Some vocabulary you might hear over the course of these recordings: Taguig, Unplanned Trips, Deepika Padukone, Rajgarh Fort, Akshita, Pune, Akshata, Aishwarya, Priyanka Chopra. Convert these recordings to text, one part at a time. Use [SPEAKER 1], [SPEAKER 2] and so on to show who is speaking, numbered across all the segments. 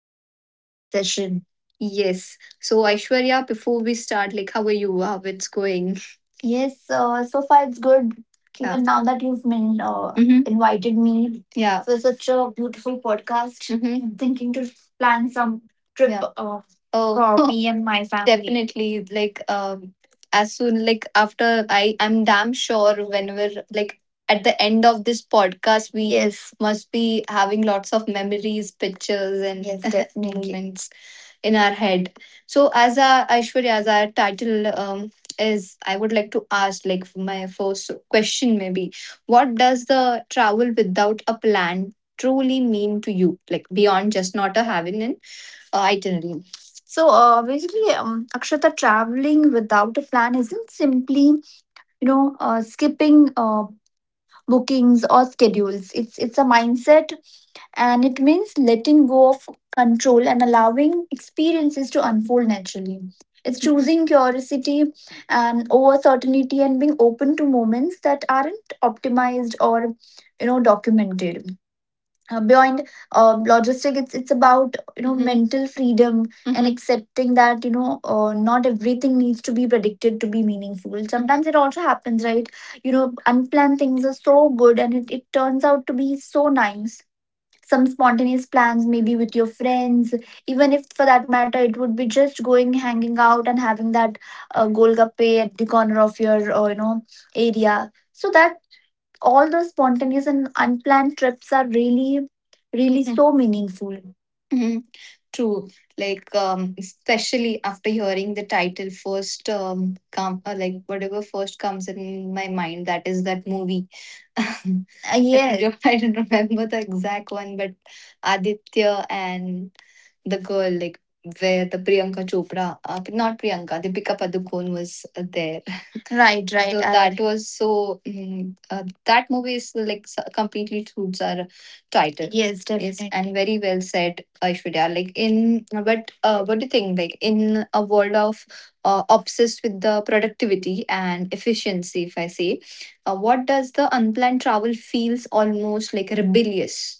[SPEAKER 1] this session. Yes. So, Aishwarya, before we start, like, how are you? How it's going? Yes, so far it's good. Yeah. Even now that you've been invited me, yeah, for such a beautiful podcast, I'm thinking to plan some trip, yeah, oh, for me and my family, definitely. Like, as soon like after I'm damn sure whenever like at the end of this podcast, we, yes, must be having lots of memories, pictures, and yes, definitely, moments in our head. So as our Aishwarya, as our title is, I would like to ask like my first question maybe, what does the travel without a plan truly mean to you? Like beyond just not a having an itinerary. So basically, Akshata, traveling without a plan isn't simply, you know, skipping. Bookings or schedules, it's a mindset, and it means letting go of control and allowing experiences to unfold naturally. It's choosing curiosity and over certainty, and being open to moments that aren't optimized or, you know, documented beyond logistic. It's about, you know, mental freedom and accepting that, you know, not everything needs to be predicted to be meaningful. Sometimes it also happens, right, you know, unplanned things are so good, and it turns out to be so nice. Some spontaneous plans maybe with your friends, even if for that matter it would be just going hanging out and having that golgappe at the corner of your you know area, so that all those spontaneous and unplanned trips are really, really, mhm, so meaningful. Mhm. True. Like, especially after hearing the title first, come or like whatever first comes in my mind, that is that movie. Yeah, I don't I don't remember the exact one, but Aditya and the girl, like where the Priyanka Chopra, not Priyanka, Deepika Padukone was there. Right, right. So that was so that movie is like completely suits our title. Yes. Yes, definitely, and very well said, Aishwarya. Like in, but what do you think? Like in a world of obsessed with the productivity and efficiency, if I say, what does the unplanned travel feels almost like rebellious?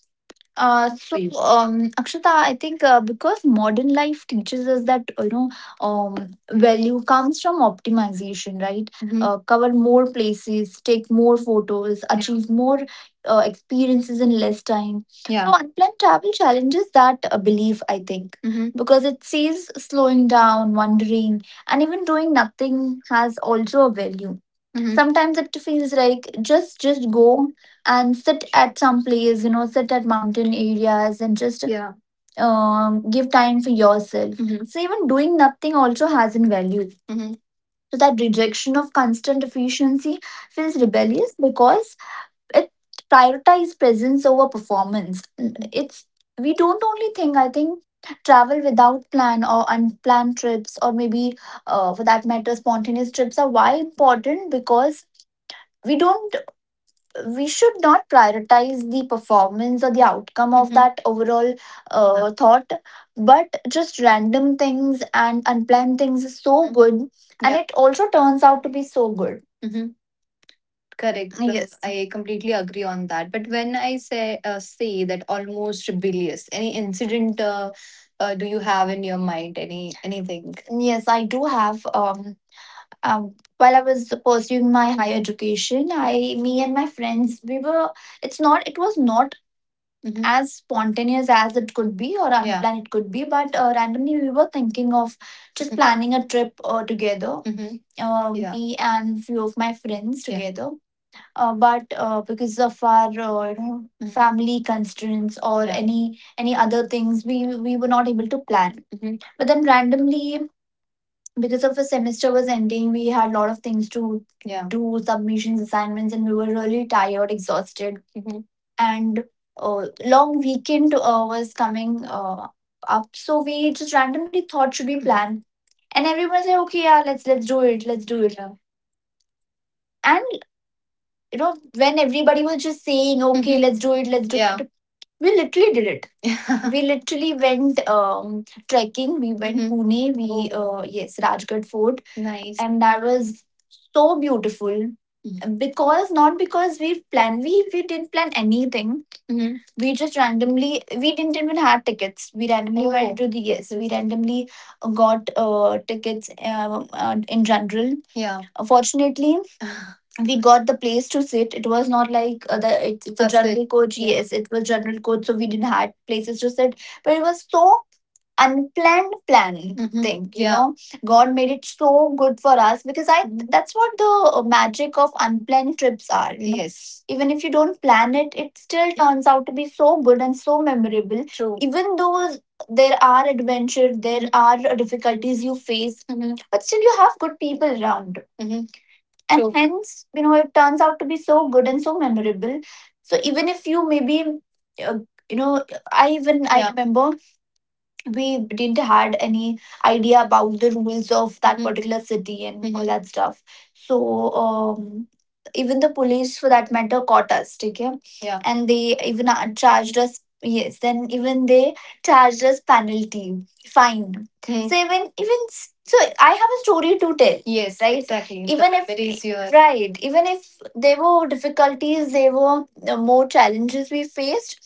[SPEAKER 1] So please, Akshita, I think because modern life teaches us that, you know, value comes from optimization, right? Mhm. Cover more places, take more photos, yeah, achieve more experiences in less time. Yeah. So unplanned travel challenges that belief, I think, mhm, because it says slowing down, wandering, and even doing nothing has also a value. Mhm. Sometimes it feels like just go and sit at some place, you know, sit at mountain areas, and just, yeah, give time for yourself. Mhm. So even doing nothing also has in value. Mhm. So that rejection of constant efficiency feels rebellious because it prioritizes presence over performance. It's we don't only think, I think, travel without plan or unplanned trips, or maybe for that matter spontaneous trips are why important, because we don't, we should not prioritize the performance or the outcome of, mhm, that overall thought, but just random things and unplanned things is so, mhm, good. And yeah, it also turns out to be so good. Hmm. Correct. Yes, I completely agree on that. But when I say say that almost rebellious, any incident, do you have in your mind? Any anything? Yes, I do have, while I was pursuing my higher education, me and my friends, we were. It's not. It was not, mhm, as spontaneous as it could be, or yeah, unplanned it could be, but randomly we were thinking of just, mhm, planning a trip together. Mhm. Yeah, me and few of my friends, yeah, together. But because of our you know, mhm, family constraints or, yeah, any other things, we were not able to plan. Mhm. But then randomly, because of the semester was ending, we had a lot of things to, yeah, do, submissions, assignments, and we were really tired, exhausted. Mhm. And uh, long weekend was coming up, so we just randomly thought should be planned, and everyone said, "Okay, yeah, let's do it, let's do it." Yeah. And you know, when everybody was just saying, "Okay, mhm, let's do," it," yeah, we literally did it. We literally went trekking. We went, mhm, Pune. We yes, Rajgarh Fort. Nice. And that was so beautiful, mhm, because not because we planned. We didn't plan anything. Mhm. We just randomly. We didn't even have tickets. We randomly went, oh, to the, yes. We randomly got tickets in general. Yeah. Fortunately, we got the place to sit. It was not like the it's a, that's it, general it, coach. Yeah. Yes, it was general coach, so we didn't had places to sit. But it was so unplanned plan, mhm, thing. You, yeah, know, God made it so good for us because I, mhm, that's what the magic of unplanned trips are. You know, yes, even if you don't plan it, it still turns out to be so good and so memorable. True. Even though there are adventures, there are difficulties you face, mhm, but still you have good people around. Mhm. And true, hence, you know, it turns out to be so good and so memorable. So even if you maybe uh, you know, I yeah, remember, we didn't had any idea about the rules of that, mhm, particular city and all, mhm, that stuff. So um even the police for that matter caught us. Okay. Yeah. And they even charged us. Yes. Then even they charged us penalty fine. Hmm. So so I have a story to tell. Yes, right, exactly. The even if memories you are- right, even if there were difficulties, there were more challenges we faced,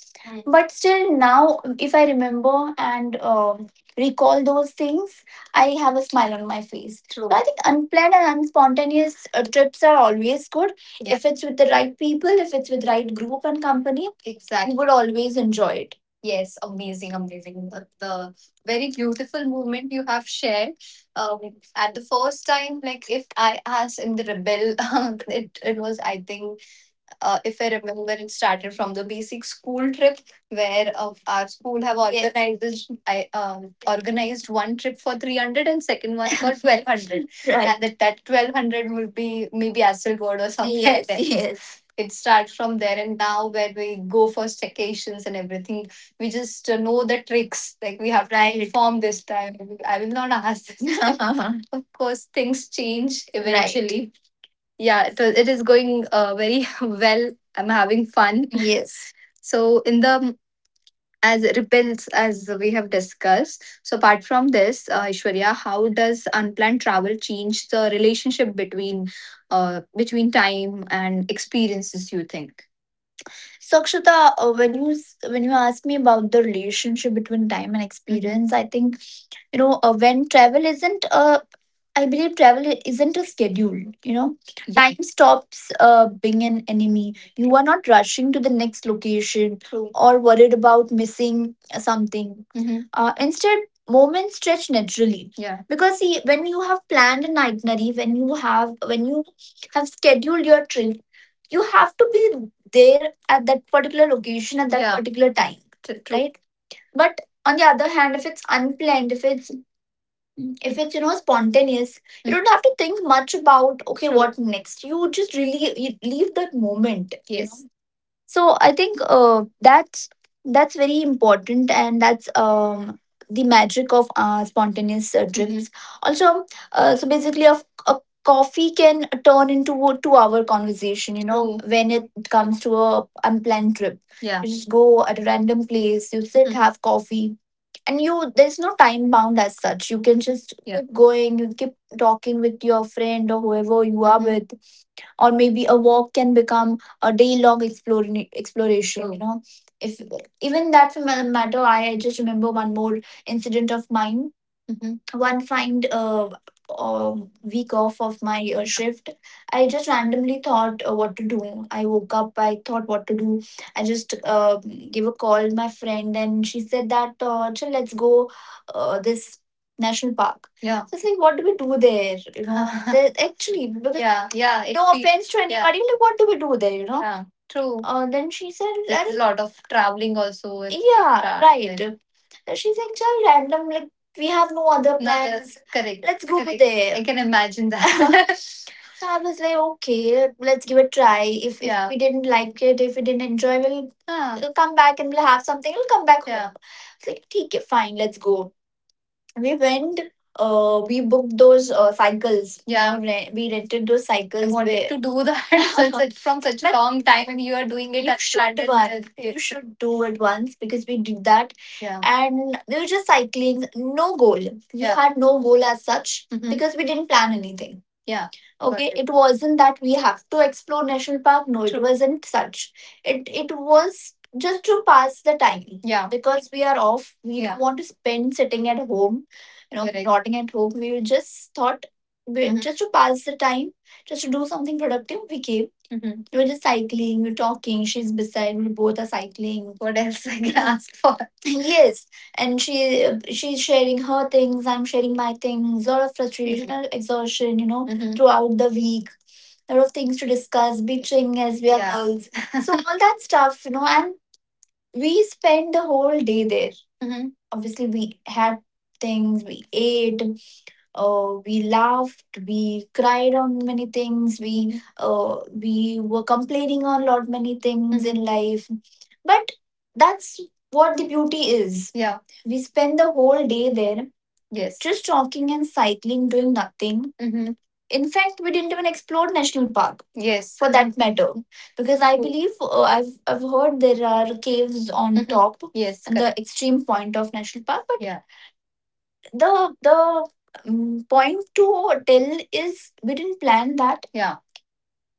[SPEAKER 1] but still now if I remember and recall those things, I have a smile on my face. True. So I think unplanned and unspontaneous trips are always good. Yeah. If it's with the right people, if it's with right group and company, exactly, you would always enjoy it. Yes, amazing, amazing. The very beautiful movement you have shared, um, at the first time, like if I asked in the rebel, it was I think, if I remember, it started from the basic school trip where our school have, yes, organized this. I organized one trip for 300, and second one for 1200. Right. And that 1200 will be maybe Asselgod or something. Yes, there, yes. It starts from there, and now where we go for staycations and everything, we just know the tricks. Like we have to, right, perform this time. I will not ask this time. Of course, things change, right, eventually. Yeah, it is going very well. I'm having fun. Yes. So in the as repels as we have discussed. So apart from this, Ishwarya, how does unplanned travel change the relationship between between time and experiences? You think? So Akshita, when you when you asked me about the relationship between time and, mhm, experience, I think, you know, when travel isn't a I believe travel isn't a schedule, you know, yeah, time stops being an enemy. You are not rushing to the next location, true, or worried about missing something, mhm, instead moments stretch naturally. Yeah, because see, when you have planned an itinerary, when you have scheduled your trip, you have to be there at that particular location at that, yeah, particular time. True, right. But on the other hand, if it's unplanned, if it's you know spontaneous, you don't have to think much about okay what next. You just really you leave that moment, you know? So I think that's very important, and that's the magic of spontaneous drinks also. So basically a coffee can turn into a 2 hour conversation, you know. True. When it comes to a unplanned trip. Yeah. You just go at a random place, you sit. Mm. Have coffee, and you, there's no time bound as such. You can just, yeah, keep going, you keep talking with your friend or whoever you are, mhm, with. Or maybe a walk can become a day long exploring exploration. True. You know, if even that for matter, I I just remember one more incident of mine. Mhm. One fine um, week off of my shift, I just randomly thought what to do. I woke up, I thought what to do. I just gave a call to my friend, and she said that "Chal, let's go this national park." Yeah. So it's like, what do we do there? You know. Actually, because, yeah, yeah, it, no offense to, yeah, anybody, like, what do we do there? You know. Yeah, true. Then she said, it's a lot of traveling also. It's, yeah, right. Then. And she's like, just random. Like, we have no other, no, plans. Correct. Let's go, correct, there. I can imagine that. So I was like, okay, let's give it a try. If, yeah, if, yeah, we didn't like it, if we didn't enjoy, we'll, huh, we'll come back and we'll have something. We'll come back, yeah, home. It's like, okay, fine, let's go. We went. We booked those cycles. Yeah, we rented those cycles. I wanted to do that from such a long time, and you are doing it. You at should do it. You should do it once because we did that. Yeah. And we were just cycling, no goal. We, yeah, had no goal as such, mhm, because we didn't plan anything. Yeah. Okay. Got it. It wasn't that we have to explore national park. No, it, true, wasn't such. It was just to pass the time. Yeah. Because we are off. We, yeah, don't, yeah, want to spend sitting at home, you know, correct, rotting at home. We just thought, we, mhm, just to pass the time, just to do something productive, we came. Mhm. We were just cycling, we were talking. She's beside me, both are cycling. What else I can ask for? Yes, and she's sharing her things. I'm sharing my things. A lot of frustration, mhm, and exhaustion, you know, mhm, throughout the week. A lot of things to discuss, bitching, as we are, yeah, girls, all that stuff, you know. And we spent the whole day there. Mhm. Obviously, we had things, we ate, we laughed, we cried on many things. We were complaining on lot many things in life, but that's what the beauty is. Yeah, we spend the whole day there. Yes, just talking and cycling, doing nothing. Mhm. In fact, we didn't even explore national park. Yes, for that matter, because I believe I've heard there are caves on, mhm, top. Yes, and the, correct, extreme point of national park, but yeah, the point to tell is we didn't plan that. Yeah.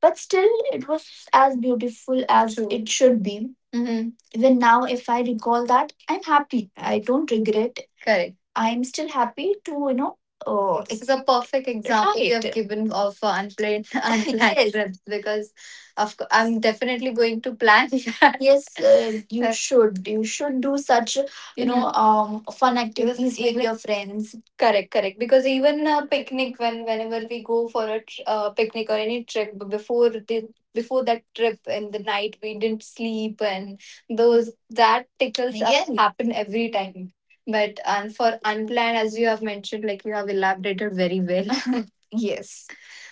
[SPEAKER 1] But still, it was as beautiful as, true, it should be. Mhm. Even now, if I recall that, I'm happy. I don't regret. Correct. I'm still happy to, you know. This is a perfect example you have, right, given of unplanned unplanned, yes, trips, because of course I'm definitely going to plan that. Yes, you should. You should do such, you know, mhm, um, fun activities with your friends. Correct, correct. Because even a picnic, whenever we go for a picnic or any trip, before the before that trip in the night, we didn't sleep, and those that tickles up, yes, happen every time. But and for unplanned, as you have mentioned, like you have elaborated very well. Yes.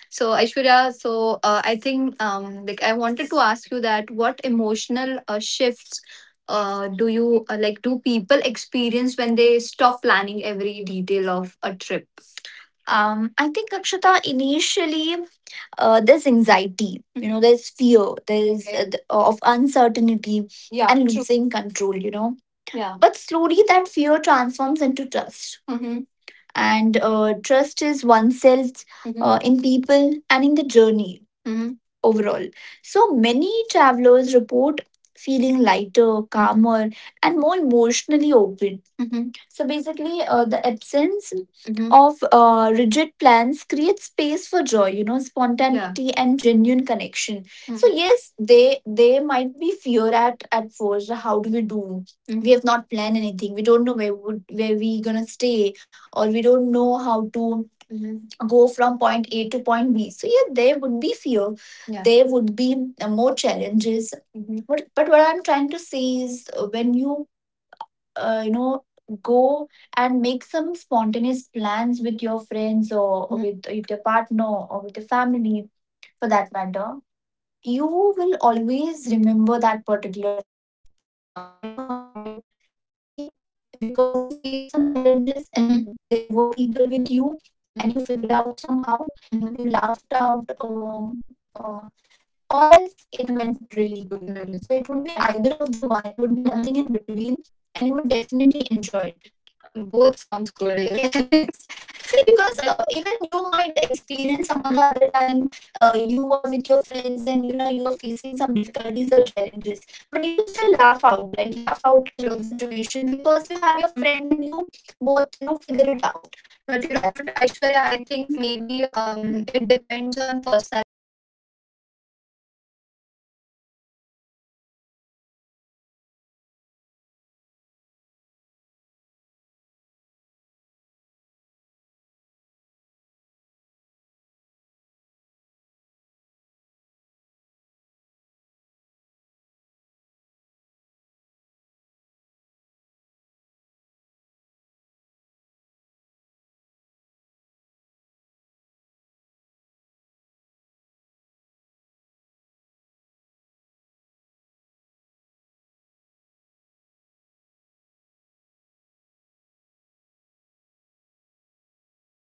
[SPEAKER 1] So Aishwarya, so I think like I wanted to ask you that, what emotional shifts do you like do people experience when they stop planning every detail of a trip? I think Akshata, initially there's anxiety, you know, there's fear, there's of uncertainty. Yeah, and true. Losing control, you know. Yeah. But slowly that fear transforms into trust. Mhm. And trust is oneself, mhm, in people and in the journey, mhm, overall. So many travelers report feeling lighter, calmer, and more emotionally open. Mhm. So basically, the absence, mhm, of rigid plans creates space for joy, you know, spontaneity, yeah, and genuine connection. So, mhm, yes, they might be fear at first. How do we do? Mhm. We have not planned anything. We don't know where we gonna stay, or we don't know how to, mm, go from point A to point B. So yeah, there would be fear. Yeah. There would be more challenges. Mhm. But what I'm trying to say is when you you know go and make some spontaneous plans with your friends or, mhm, with your partner or with your family, for that matter, you will always remember that particular trip. You, yeah, you will never forget it. Maybe because you faced some challenges and, mhm, there were people with you, and, mhm, you figured out somehow. Mhm. You laughed out, uh, or else it went really good. Really. So it would be, mhm, either of the one. It would be, mhm, nothing in between, and you would definitely enjoy it. Both sounds good, eh? Yes. See, because, even you might experience some or the other time, you are with your friends and you know you are facing some difficulties or challenges, but you still laugh out, right? Yeah, laugh out in, true, that situation because you have your, mhm, friend and you both, you know, figure it out. But So you know that's what, the thing. Aishwarya, I think maybe it depends on personality to personality or, right, person to person. As you have, absolutely, mentioned, right, about the anxiety, fear at the first time, or anything like or uncertainty, mm, whichever you have mentioned, like losing control. You have mentioned it depends person on person. Why I, absolutely, said because some people are very extrovert and they, yes, wanted to try, so they are very excited, even if it's unplanned they are they just go for it. The, definitely, unplanned thing is very normal for them. Right. So yeah, yes, that's Akshata, you, you are absolutely right. It depends on person to person. Hence, I said that if, yeah, you have good company, if you have good group of people where you know you can vibe you will with, enjoy. It doesn't matter, yes, the, it doesn't matter place or even it's what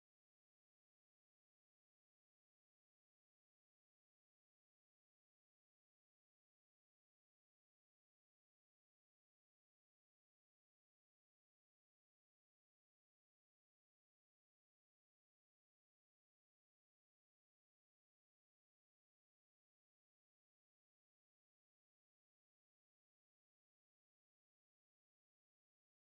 [SPEAKER 1] it is and how, yeah, it how is, we're traveling. It doesn't matter even the if you, hustle, have money or you don't that, right, hustle you, yes, you, yes, will enjoy that hustle also, absolutely, with right, them. So I should have, how does the, like, why do you, why do some of the best travel stories comes from things going like wrong, as you have said, even if, you have used the word that it didn't go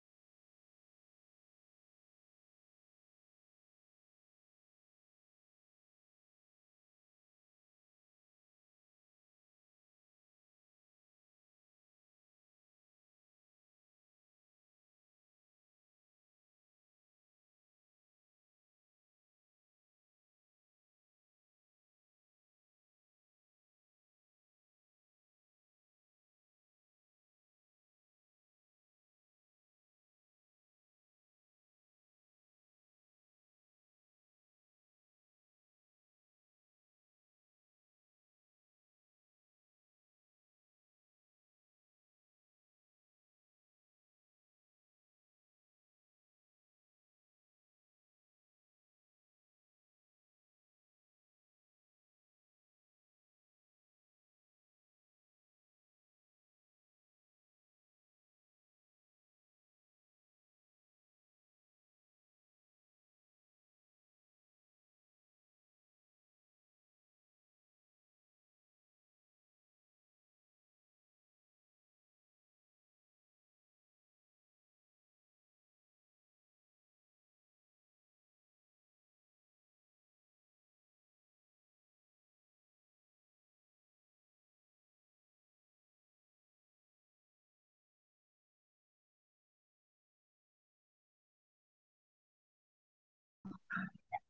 [SPEAKER 1] right then, right, what then. That's why I asked this, yes, question. So what if, I think going Akshita, things going wrong, yes, I think Akshita because those moments carry emotion. You know, mhm, missing a train, getting lost, or choosing the wrong route creates vulnerability, or you know vulnerability leads to connection. I think humor and learning, or perfectly executed plans rarely turn into stories. As I earlier mentioned, Akshita, you have story to tell, you know. Yeah. No matter, as I mentioned you, if you, you might have missed the train, you might have catch the wrong route, you might have lost in some part of the location where you have went. But still, now I have a story to tell. Yeah, right. When I mentioned you in my plan in this Pune. Yeah. We have not planned it, and hence we didn't had confirmed tickets. Yeah. The train, and we were traveling in general coach. Where although we got a place to sit, but there was rush. There was, mm, already, obviously there was crowd. Obviously. And different types of people, some, mm, some not so good incidents we, yeah, faced. But still, because I had good people around, because, mm, I have good friends and group of people around, now when I tell you that, or now, yeah, when I tell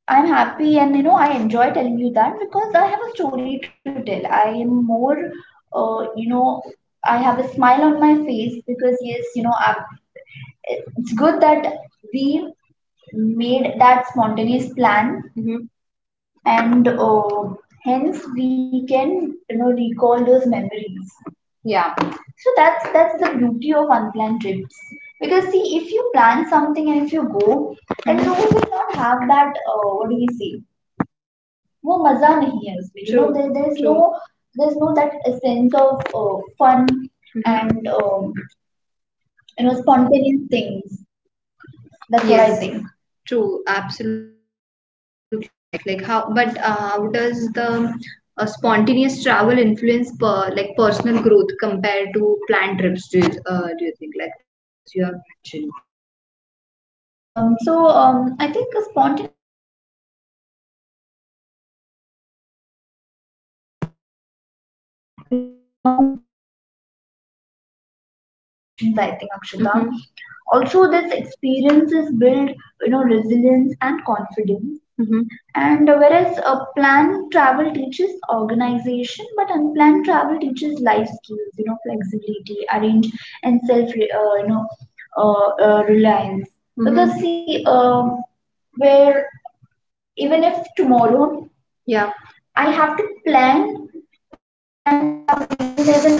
[SPEAKER 2] I'm happy and I enjoy telling you that because I have a story to tell. I am more, uh, you know, I have a smile on my face because yes, I'm, it's good that we made that spontaneous plan, and hence we can recall those memories. Yeah. So that's the beauty of unplanned trips. Because see, if you plan something and if you go, then you will not have that. What do we say? वो मज़ा नहीं है उसमें you know there is no there is no that essence of fun and you know spontaneous things that's what I. Yes, true, absolutely correct. Like how, but how does the spontaneous travel influence like personal growth compared to planned trips? Do you think, like, as you have mentioned? Right. So I think spontaneous travel forces, decision making in real time. You know, you learn to adapt, negotiate, and respond to unexpected situations, I think, Akshita. Mm-hmm. Also, this experiences build, resilience and confidence. And whereas a planned travel teaches organization, but unplanned travel teaches life skills, you know, flexibility, arrange, and self, you know, reliance. Because, mm-hmm, see, where even if tomorrow, yeah, I have to plan, and for some reason there's an emergency,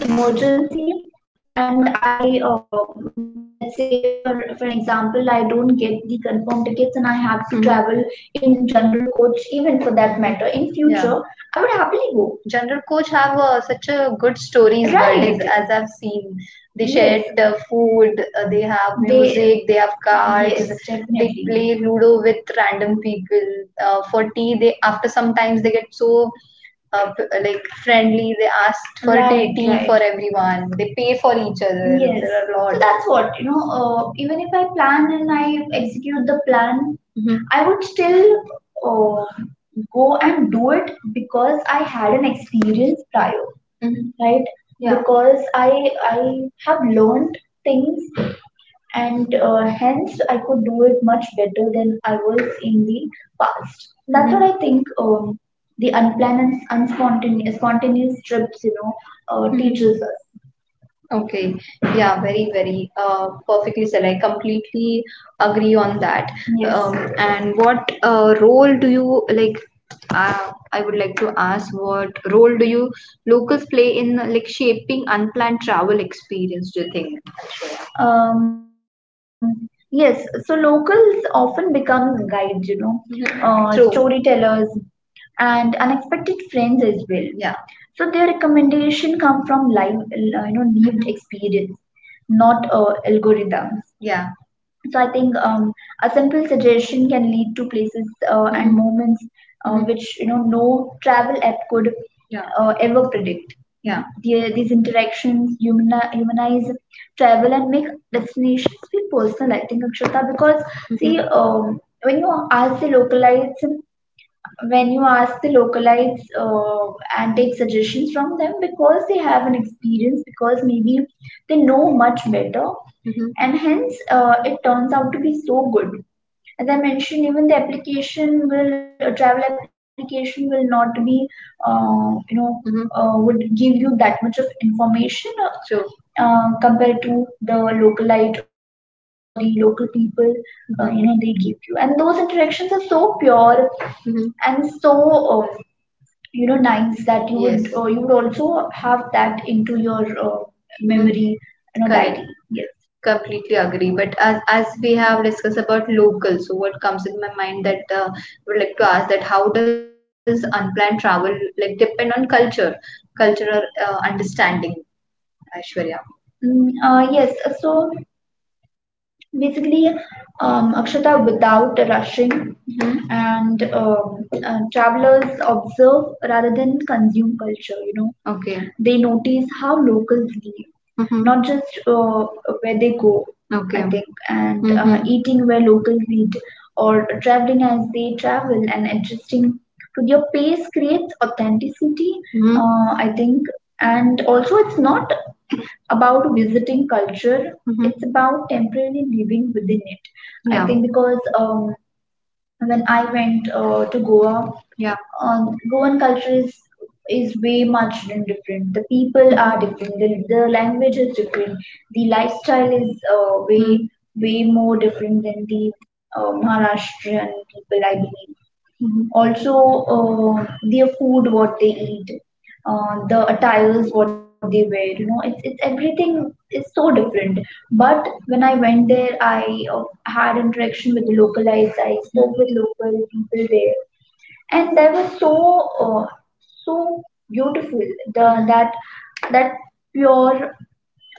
[SPEAKER 2] and let's say, for an example, I don't get the confirmed tickets, and I have to, mhm, travel in general coach, even for that matter. In, yeah, future, I would happily go. General coach have such a good stories nowadays, right, as I've seen. They, yes, shared the food, they have, they music, they have cards, yes, they definitely play Ludo with random people. For tea, they, after sometimes they get so like friendly. They asked for tea, right, tea for right, everyone. They pay for each other. Yes. There are a, so, lot. That's what, you know, even if I plan and I execute the plan, mhm, I would still uh, go and do it because I had an experience prior. Mhm, right. Yeah, because I have learned things, and hence I could do it much better than I was in the past. That's, mhm, what, mhm, I think. The unplanned and unspontaneous spontaneous trips, you know, mhm, teaches us. Okay, yeah, very, very perfectly said. I completely agree on that. Yes. And what role do you, like? I would like to ask, what role do you locals play in, like, shaping unplanned travel experience, do you think? Yes, so locals often become guides, you know, mhm, true, storytellers and unexpected friends as well. Yeah. So their recommendation come from live, you know, lived, mhm, experience, not algorithms. Yeah. So I think a simple suggestion can lead to places and, mhm, moments, mhm, which, you know, no travel app could, yeah, ever predict. Yeah, the, these interactions humanize travel and make destinations feel personal, I think, Akshita, because see, when you ask the localites, when you ask the localites and take suggestions from them, because they have an experience, because maybe they know much better, and hence it turns out to be so good. As I mentioned, even the application will, travel application will not be, you know, would give you that much of information, true, compared to the localite or the local people, you know, they give you, and those interactions are so pure, mm-hmm, and so, um, you know, nice that you would, yes, you would also have that into your, uh, mm-hmm, memory, you know, correct, diary, yes. Completely agree. But as we have discussed about local, so what comes in my mind that, would like to ask that, how does unplanned travel, like, depend on culture, cultural understanding, Aishwarya? Yes, so basically, Akshata, without rushing, hmm and travelers observe rather than consume culture, you know, okay, they notice how locals live, mm-hmm, not just where they go, I, okay, think, and mm-hmm, eating where locals eat, or traveling as they travel, and adjusting to their pace creates authenticity, mm-hmm, I think. And also it's not about visiting culture, it's about temporarily living within it, I, yeah, think. Because when I went to Goa, yeah, Goan culture is way much different, the people are different, the language is different, the lifestyle is, mm, way Mm-hmm. way more different than the Maharashtrian people, I believe. Mhm. Also, their food, what they eat, the attires, what they wear, you know, it's everything is so different. But when I went there, I, had interaction with the localites, I spoke with local people there, and they were so, uh, so beautiful. The, that, that pure,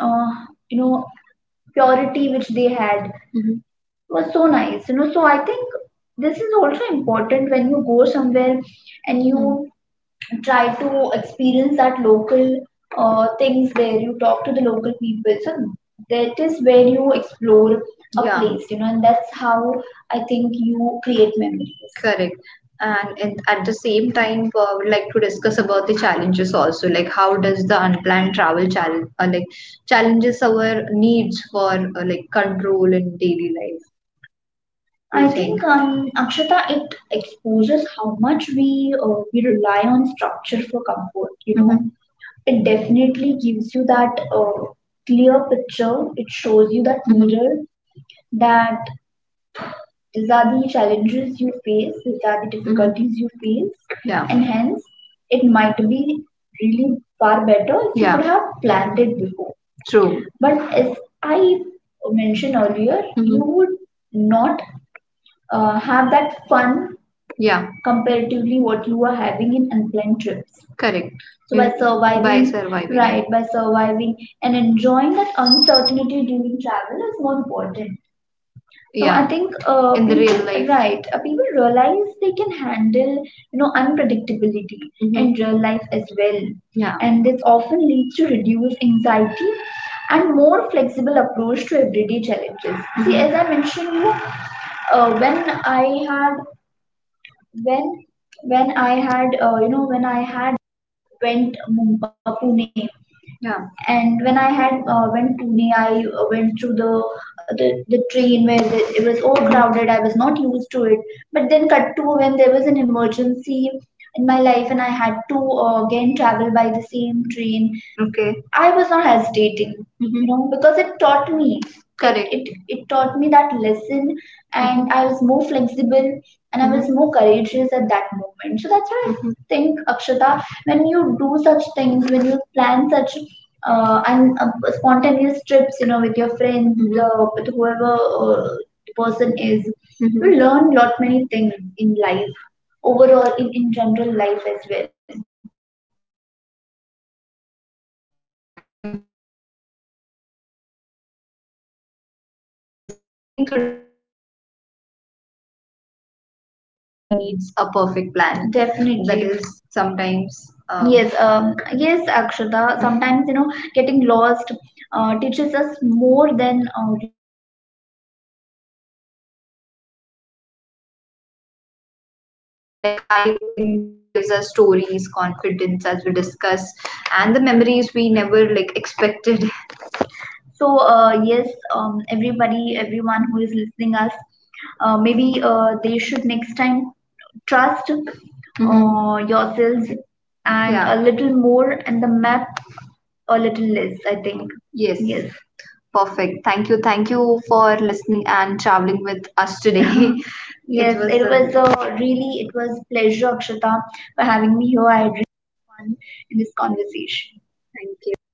[SPEAKER 2] uh, you know, purity which they had, mhm, was so nice, you know. So I think this is also important, when you go somewhere and, mm, you try to experience that local things there, you talk to the local people, so that is where you explore a, yeah, place, you know, and that's how I think you create memories. Correct. And, it, at the same time, I would like to discuss about the challenges also. Like, how does the unplanned travel challenge, challenges our needs for control in daily life? I think, Akshata, it exposes how much we rely on structure for comfort. You know, mm-hmm, it definitely gives you that, clear picture. It shows you that, mm-hmm, mirror, that these are the challenges you face, these are the, mm-hmm, difficulties you face, yeah, and hence it might be really far better if you, yeah, could have planned it before. True. But as I mentioned earlier, you, mm-hmm, would not have that fun, yeah, comparatively, what you are having in unplanned trips. Correct. So by surviving, by surviving, right, by surviving and enjoying that uncertainty during travel is more important. So I, yeah, think in the real people, life, right, people realize they can handle, you know, unpredictability in, mm-hmm, real life as well. Yeah. And this often leads to reduced anxiety and more flexible approach to everyday challenges. See, mm-hmm, as, mm-hmm, I mentioned, you when I had, when when I had, you know, when I had went, Pune. Yeah. And when I had went Pune, I went through the, the train where the, it was overcrowded. I was not used to it. But then cut to, when there was an emergency in my life and I had to again travel by the same train. Okay. I was not hesitating, you, mm-hmm, know, because it taught me, correct, it taught me that lesson, and I was more flexible, and I, mhm, was, mhm, more courageous at that moment. So that's why I, mhm, think, Akshata, when you do such things, when you plan such, and spontaneous trips, you know, with your friends, mhm, with whoever uh, the person is, mhm, you, mhm, learn lot many things in life, overall, in general life as well. Correct, correct. Very well said. It's very deep, we, yeah, have mentioned. I think today's conversation just reminded us that not every journey needs a perfect plan. That definitely is sometimes, yes, yes, Akshata. Sometimes, you know, getting lost teaches us more than reaching the destination on time, and I completely, definitely, agree with that. Yeah, because, Aishwarya, like, I think that unplanned trips gives us stories, confidence, as we discuss, and the memories we never, like, expected. So yes, everybody everyone who is listening us, maybe they should next time trust, mm-hmm, yourselves, and, yeah, a little more, and the map a little less, I think. Yes, yes, perfect. Thank you. Thank you for listening and traveling with us today. It, yes, was, it a really, it was pleasure, Akshata, for having me here. I had really fun in this conversation. Thank you.